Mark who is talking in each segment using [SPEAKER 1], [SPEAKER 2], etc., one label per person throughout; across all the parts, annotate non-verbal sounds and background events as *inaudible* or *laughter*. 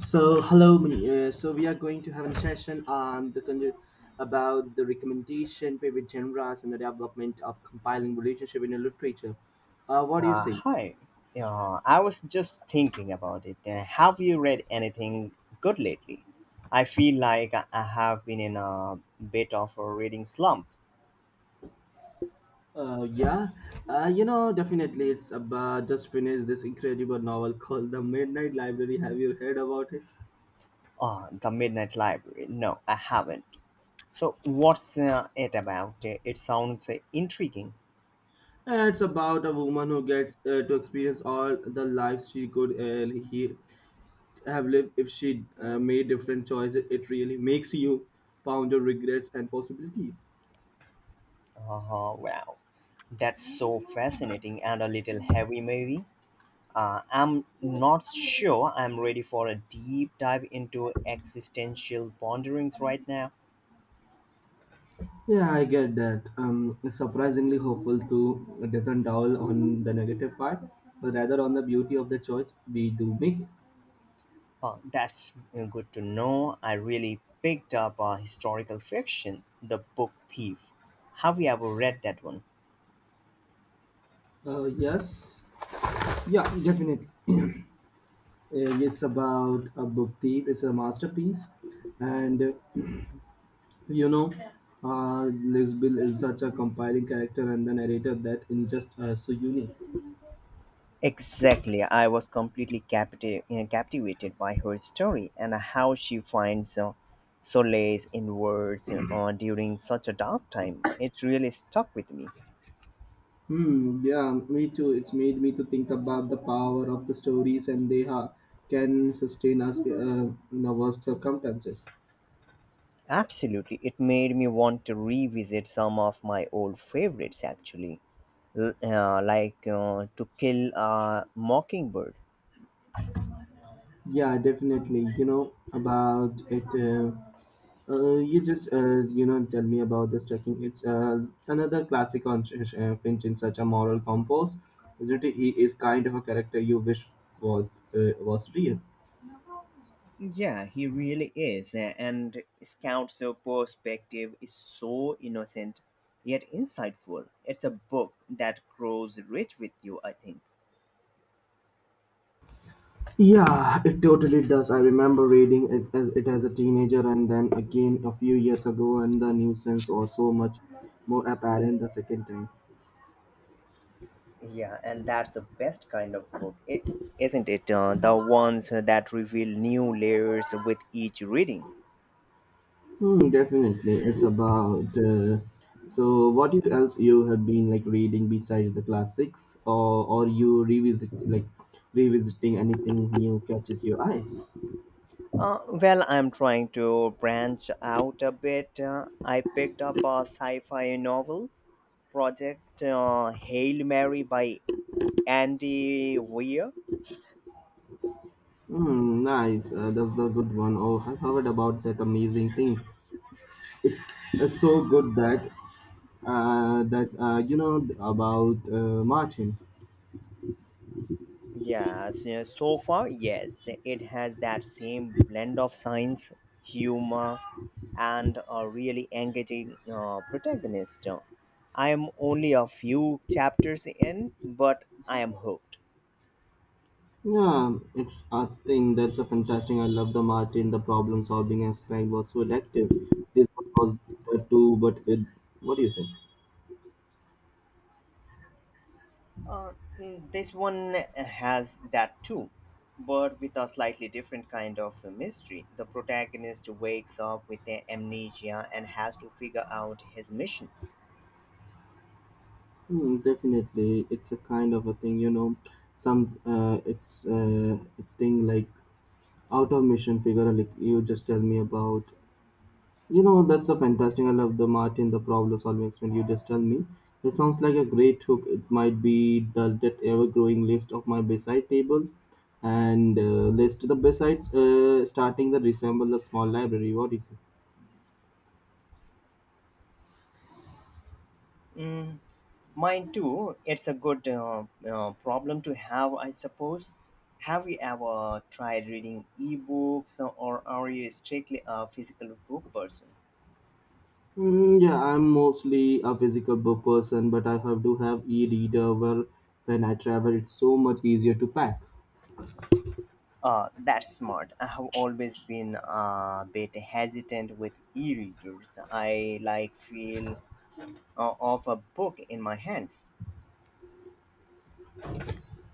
[SPEAKER 1] So hello, Mini. So we are going to have a session on the about the recommendation, favorite genres, and the development of compiling relationship in a literature. What do you say?
[SPEAKER 2] Hi. I was just thinking about it. Have you read anything good lately? I feel like I have been in a bit of a reading slump.
[SPEAKER 1] Yeah, definitely. It's about just finished this incredible novel called The Midnight Library. Have you heard about it?
[SPEAKER 2] The Midnight Library. No, I haven't. So, what's it about? It sounds intriguing.
[SPEAKER 1] It's about a woman who gets to experience all the lives she could have lived if she made different choices. It really makes you ponder regrets and possibilities.
[SPEAKER 2] Wow, that's so fascinating and a little heavy, maybe. I'm not sure I'm ready for a deep dive into existential ponderings right now.
[SPEAKER 1] Yeah, I get that. It's surprisingly hopeful to it doesn't dwell on the negative part, but rather on the beauty of the choice we do make.
[SPEAKER 2] That's good to know. I really picked up a historical fiction, The Book Thief. Have you ever read that one?
[SPEAKER 1] Yes, yeah, definitely. *clears throat* It's about a book thief. It's a masterpiece, and *clears throat* you know, Lisbeth is such a compiling character and the narrator that in just so unique.
[SPEAKER 2] Exactly. I was captivated by her story and how she finds solace in words during such a dark time. It really stuck with me.
[SPEAKER 1] Hmm, yeah, me too. It's made me to think about the power of the stories and can sustain us in the worst circumstances.
[SPEAKER 2] Absolutely. It made me want to revisit some of my old favorites, actually, like To Kill a Mockingbird.
[SPEAKER 1] Yeah, definitely. You know, about it. You just, tell me about this trekking. It's another classic on Finch in such a moral compose. Isn't it? He is kind of a character you wish was, was real.
[SPEAKER 2] Yeah, he really is. And Scout's perspective is so innocent yet insightful. It's a book that grows rich with you, I think.
[SPEAKER 1] Yeah, it totally does. I remember reading it as a teenager and then again a few years ago, and the nuisance was so much more apparent the second time.
[SPEAKER 2] Yeah, and that's the best kind of book, is isn't it? The ones that reveal new layers with each reading.
[SPEAKER 1] Hmm, definitely. It's about. So, what else you have been like reading besides the classics, or you revisit like revisiting anything new catches your eyes?
[SPEAKER 2] Well, I'm trying to branch out a bit. I picked up a sci fi novel, Project Hail Mary by Andy Weir.
[SPEAKER 1] Hmm, nice. That's the good one. Oh, I've heard about that amazing thing it's it's so good that that you know about Martin.
[SPEAKER 2] Yes, yes, so far, yes, it has that same blend of science, humor, and a really engaging protagonist. I am only a few chapters in, but I am hooked.
[SPEAKER 1] Yeah, it's a thing that's a fantastic. I love the Martin. The problem solving aspect was so addictive. This one was that too, but it. What do you say?
[SPEAKER 2] Uh, mm, this one has that too, but with a slightly different kind of mystery. The protagonist wakes up with amnesia and has to figure out his mission.
[SPEAKER 1] Hmm, definitely, it's a kind of a thing. You know, some it's a thing like out of mission figure. Like you just tell me about you know, that's so fantastic. I love the Martin, the problem solving experiment. You just tell me. It sounds like a great hook. It might be the that ever growing list of my beside table and list the besides starting the resemble a small library. What do you say?
[SPEAKER 2] Mm, mine too. It's a good problem to have, I suppose. Have you ever tried reading ebooks or are you strictly a physical book person?
[SPEAKER 1] Mm, yeah, I'm mostly a physical book person, but I have do have e-reader where when I travel it's so much easier to pack.
[SPEAKER 2] That's smart. I have always been a bit hesitant with e-readers. I like feel of a book in my hands.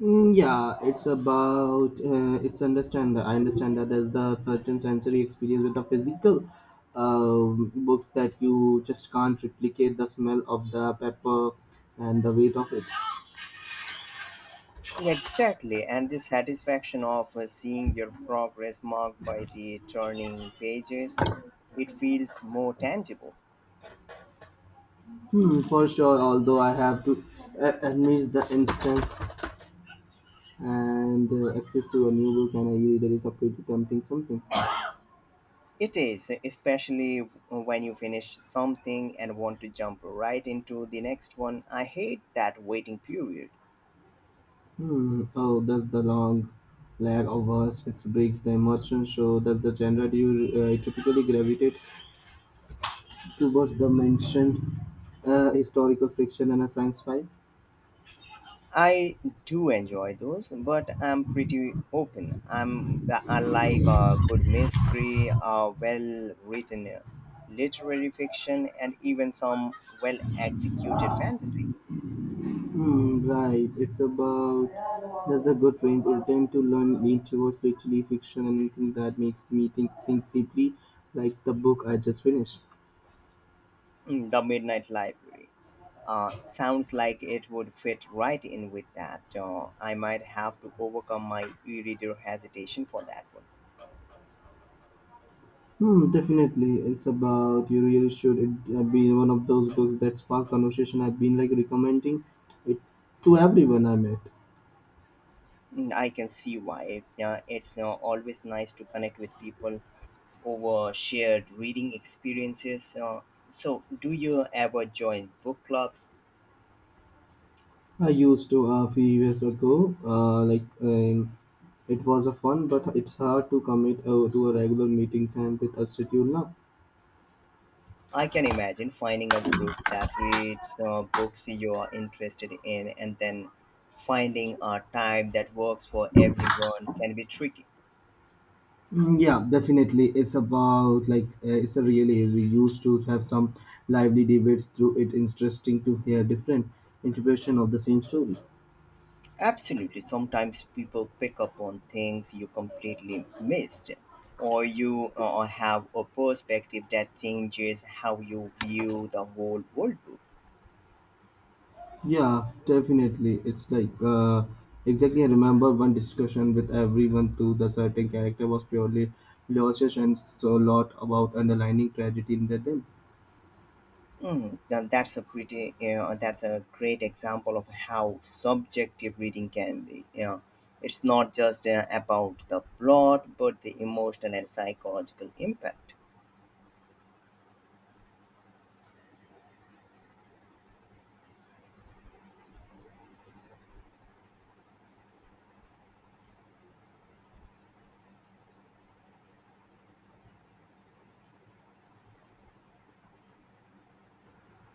[SPEAKER 1] Mm, yeah, it's about it's understand that I understand that there's the certain sensory experience with the physical books that you just can't replicate the smell of the pepper and the weight of it.
[SPEAKER 2] Exactly, and the satisfaction of seeing your progress marked by the turning pages, it feels more tangible.
[SPEAKER 1] Hmm, for sure. Although I have to admit the instance and access to a new book and a e-reader is a pretty tempting something.
[SPEAKER 2] It is, especially when you finish something and want to jump right into the next one. I hate that waiting period.
[SPEAKER 1] Hmm. Oh, that's the long lag of us. It breaks the immersion. So, that's the genre do you typically gravitate towards the mentioned historical fiction and a science fi.
[SPEAKER 2] I do enjoy those, but I'm pretty open. I like a good mystery, a well-written literary fiction, and even some well-executed fantasy.
[SPEAKER 1] Hmm, right, it's about does the good range will tend to learn lean towards literary fiction and anything that makes me think deeply, like the book I just finished.
[SPEAKER 2] Mm, the Midnight Library. Sounds like it would fit right in with that. I might have to overcome my e-reader hesitation for that one.
[SPEAKER 1] Hmm, definitely, it's about you really should it be one of those books that spark conversation. I've been like recommending it to everyone I met.
[SPEAKER 2] Mm, I can see why. It's always nice to connect with people over shared reading experiences. So, do you ever join book clubs?
[SPEAKER 1] I used to a few years ago. It was a fun, but it's hard to commit to a regular meeting time with a schedule now.
[SPEAKER 2] I can imagine finding a group that reads books you are interested in and then finding a time that works for everyone can be tricky.
[SPEAKER 1] Mm, yeah, definitely. It's about like it's a really is. We used to have some lively debates through it. Interesting to hear different interpretation of the same story.
[SPEAKER 2] Absolutely. Sometimes people pick up on things you completely missed, or you have a perspective that changes how you view the whole world.
[SPEAKER 1] Yeah, definitely. It's like exactly. I remember one discussion with everyone too. The certain character was purely lost, and so a lot about underlining tragedy in the them.
[SPEAKER 2] Mm, then that's a pretty, you know, that's a great example of how subjective reading can be. You know, it's not just about the plot, but the emotional and psychological impact.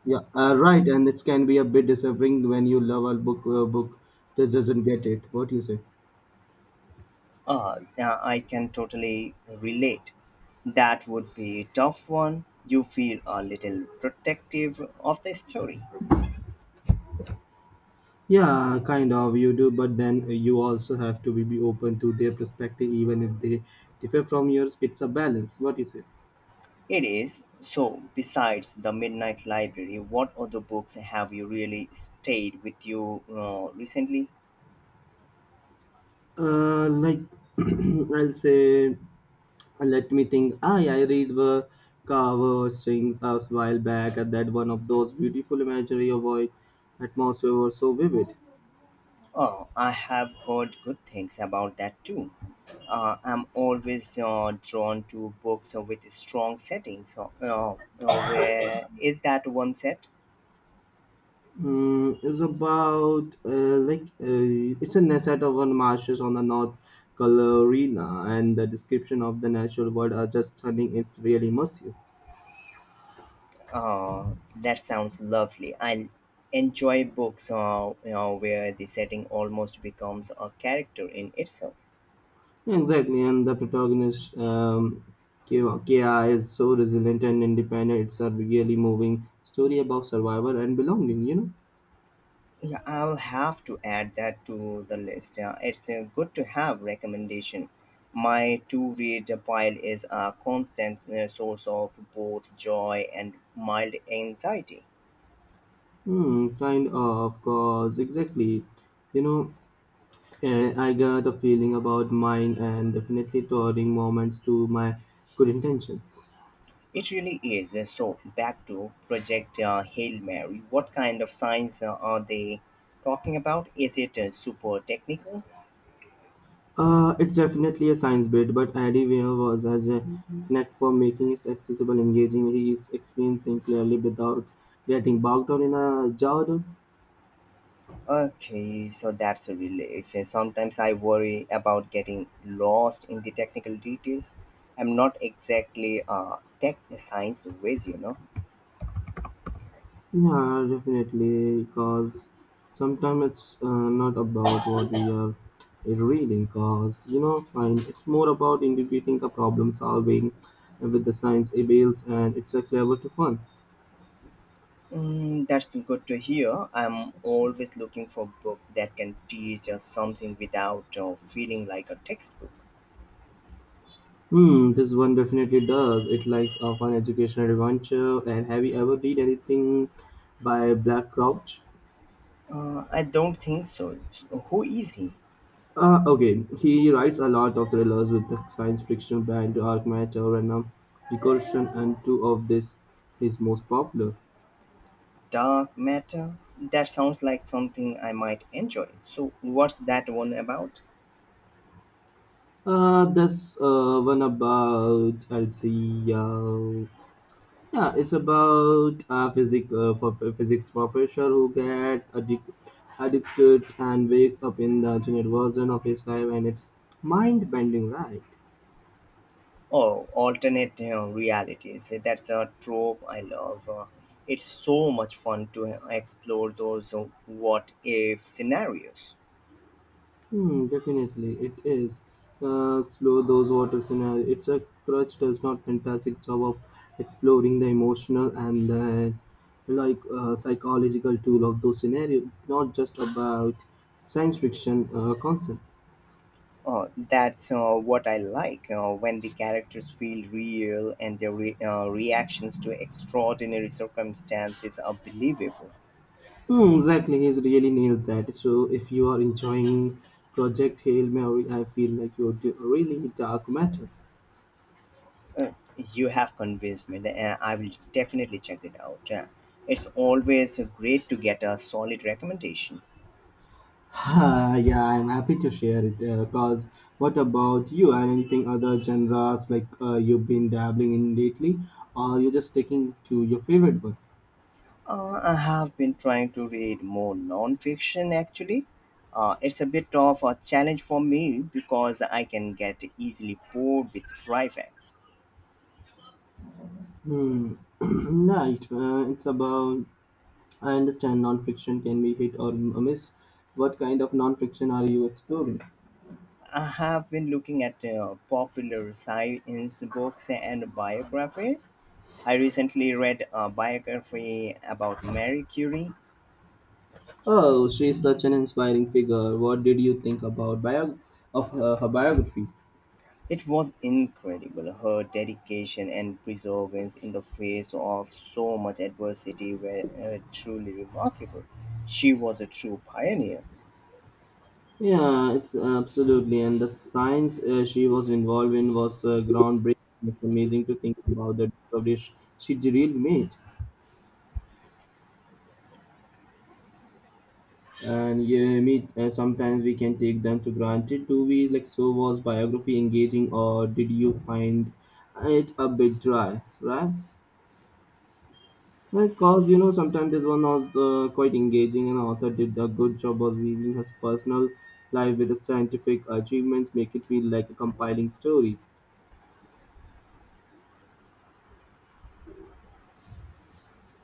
[SPEAKER 1] Yeah, right. And it can be a bit disappointing when you love a book. A book that doesn't get it. What do you say?
[SPEAKER 2] I can totally relate. That would be a tough one. You feel a little protective of the story.
[SPEAKER 1] Yeah, kind of you do, but then you also have to be open to their perspective, even if they differ from yours. It's a balance. What do you say?
[SPEAKER 2] It is. So, besides The Midnight Library, what other books have you really stayed with you recently?
[SPEAKER 1] Uh, like *clears throat* I'll say, let me think. I read the cover strings a while back, and that one of those beautiful imagery of void atmosphere was so vivid.
[SPEAKER 2] Oh, I have heard good things about that too. I'm always drawn to books with strong settings. So, where is that one set?
[SPEAKER 1] Mm, it's about like it's a na- set of one marshes on the North Carolina, and the description of the natural world are just stunning. It's really immersive.
[SPEAKER 2] That sounds lovely. I enjoy books you know, where the setting almost becomes a character in itself.
[SPEAKER 1] Yeah, exactly, and the protagonist Kia is so resilient and independent. It's a really moving story about survival and belonging. You know,
[SPEAKER 2] Yeah, I'll have to add that to the list. Yeah, it's good to have recommendation. My to-read pile is a constant source of both joy and mild anxiety.
[SPEAKER 1] hmm, kind of, cause exactly. You know, I got a feeling about mine and definitely turning moments to my good intentions.
[SPEAKER 2] It really is. So back to Project Hail Mary. What kind of science are they talking about? Is it super technical?
[SPEAKER 1] It's definitely a science bit, but Eddie Weir was as a knack for making it accessible, engaging. He is explained things clearly without getting bogged down in a jargon.
[SPEAKER 2] Okay, so that's a relief. Sometimes I worry about getting lost in the technical details. I'm not exactly a tech science whiz, you know.
[SPEAKER 1] Yeah, definitely, because sometimes it's not about what we are reading, because you know, fine, it's more about integrating the problem solving with the science emails, and it's a clever to fun.
[SPEAKER 2] Mm, that's good to hear. I'm always looking for books that can teach us something without feeling like a textbook.
[SPEAKER 1] Hmm, this one definitely does. It likes a fun educational adventure. And have you ever read anything by Black Crouch?
[SPEAKER 2] I don't think so. So who is he?
[SPEAKER 1] Okay, he writes a lot of thrillers with the science fiction band Dark Matter and Recursion, and two of this his most popular.
[SPEAKER 2] Dark Matter? That sounds like something I might enjoy. So, what's that one about?
[SPEAKER 1] This one about Elsie yeah, it's about a physics for physics professor who addicted and wakes up in the alternate version of his life, and it's mind bending, right?
[SPEAKER 2] Oh, alternate you realities. Eh, that's a trope I love. It's so much fun to explore those what if scenarios.
[SPEAKER 1] Hmm, definitely it is. Slow those waters in a, it's a crutch does not fantastic job of exploring the emotional and the psychological tool of those scenarios. It's not just about science fiction concept.
[SPEAKER 2] Oh, that's what I like when the characters feel real and their reactions to extraordinary circumstances are believable.
[SPEAKER 1] Hmm, exactly, he's really nailed that. So if you are enjoying Project Hail Mary, I feel like really dark matter.
[SPEAKER 2] Uh, you have convinced me. I will definitely check it out. It's always great to get a solid recommendation.
[SPEAKER 1] *laughs* Ah, yeah, I'm happy to share it. Cause what about you and anything other genres like you've been dabbling in lately, or you're just sticking to your favorite one?
[SPEAKER 2] I have been trying to read more nonfiction actually. It's a bit of a challenge for me because I can get easily bored with dry facts.
[SPEAKER 1] Hmm. *clears throat* Right. It's about. I understand non-fiction can be hit or miss. What kind of non-fiction are you exploring?
[SPEAKER 2] I have been looking at popular science books and biographies. I recently read a biography about Marie Curie.
[SPEAKER 1] Oh, she's such an inspiring figure. What did you think about of her biography?
[SPEAKER 2] It was incredible, her dedication and perseverance in the face of so much adversity were truly remarkable. She was a true pioneer.
[SPEAKER 1] Yeah, it's absolutely, and the science she was involved in was groundbreaking. It's amazing to think about the discoveries she really made. And yeah, me, sometimes we can take them to granted. Do we like so? Was biography engaging, or did you find it a bit dry? Right? Because you know, sometimes this one was quite engaging, and author did a good job of weaving his personal life with the scientific achievements, make it feel like a compiling story.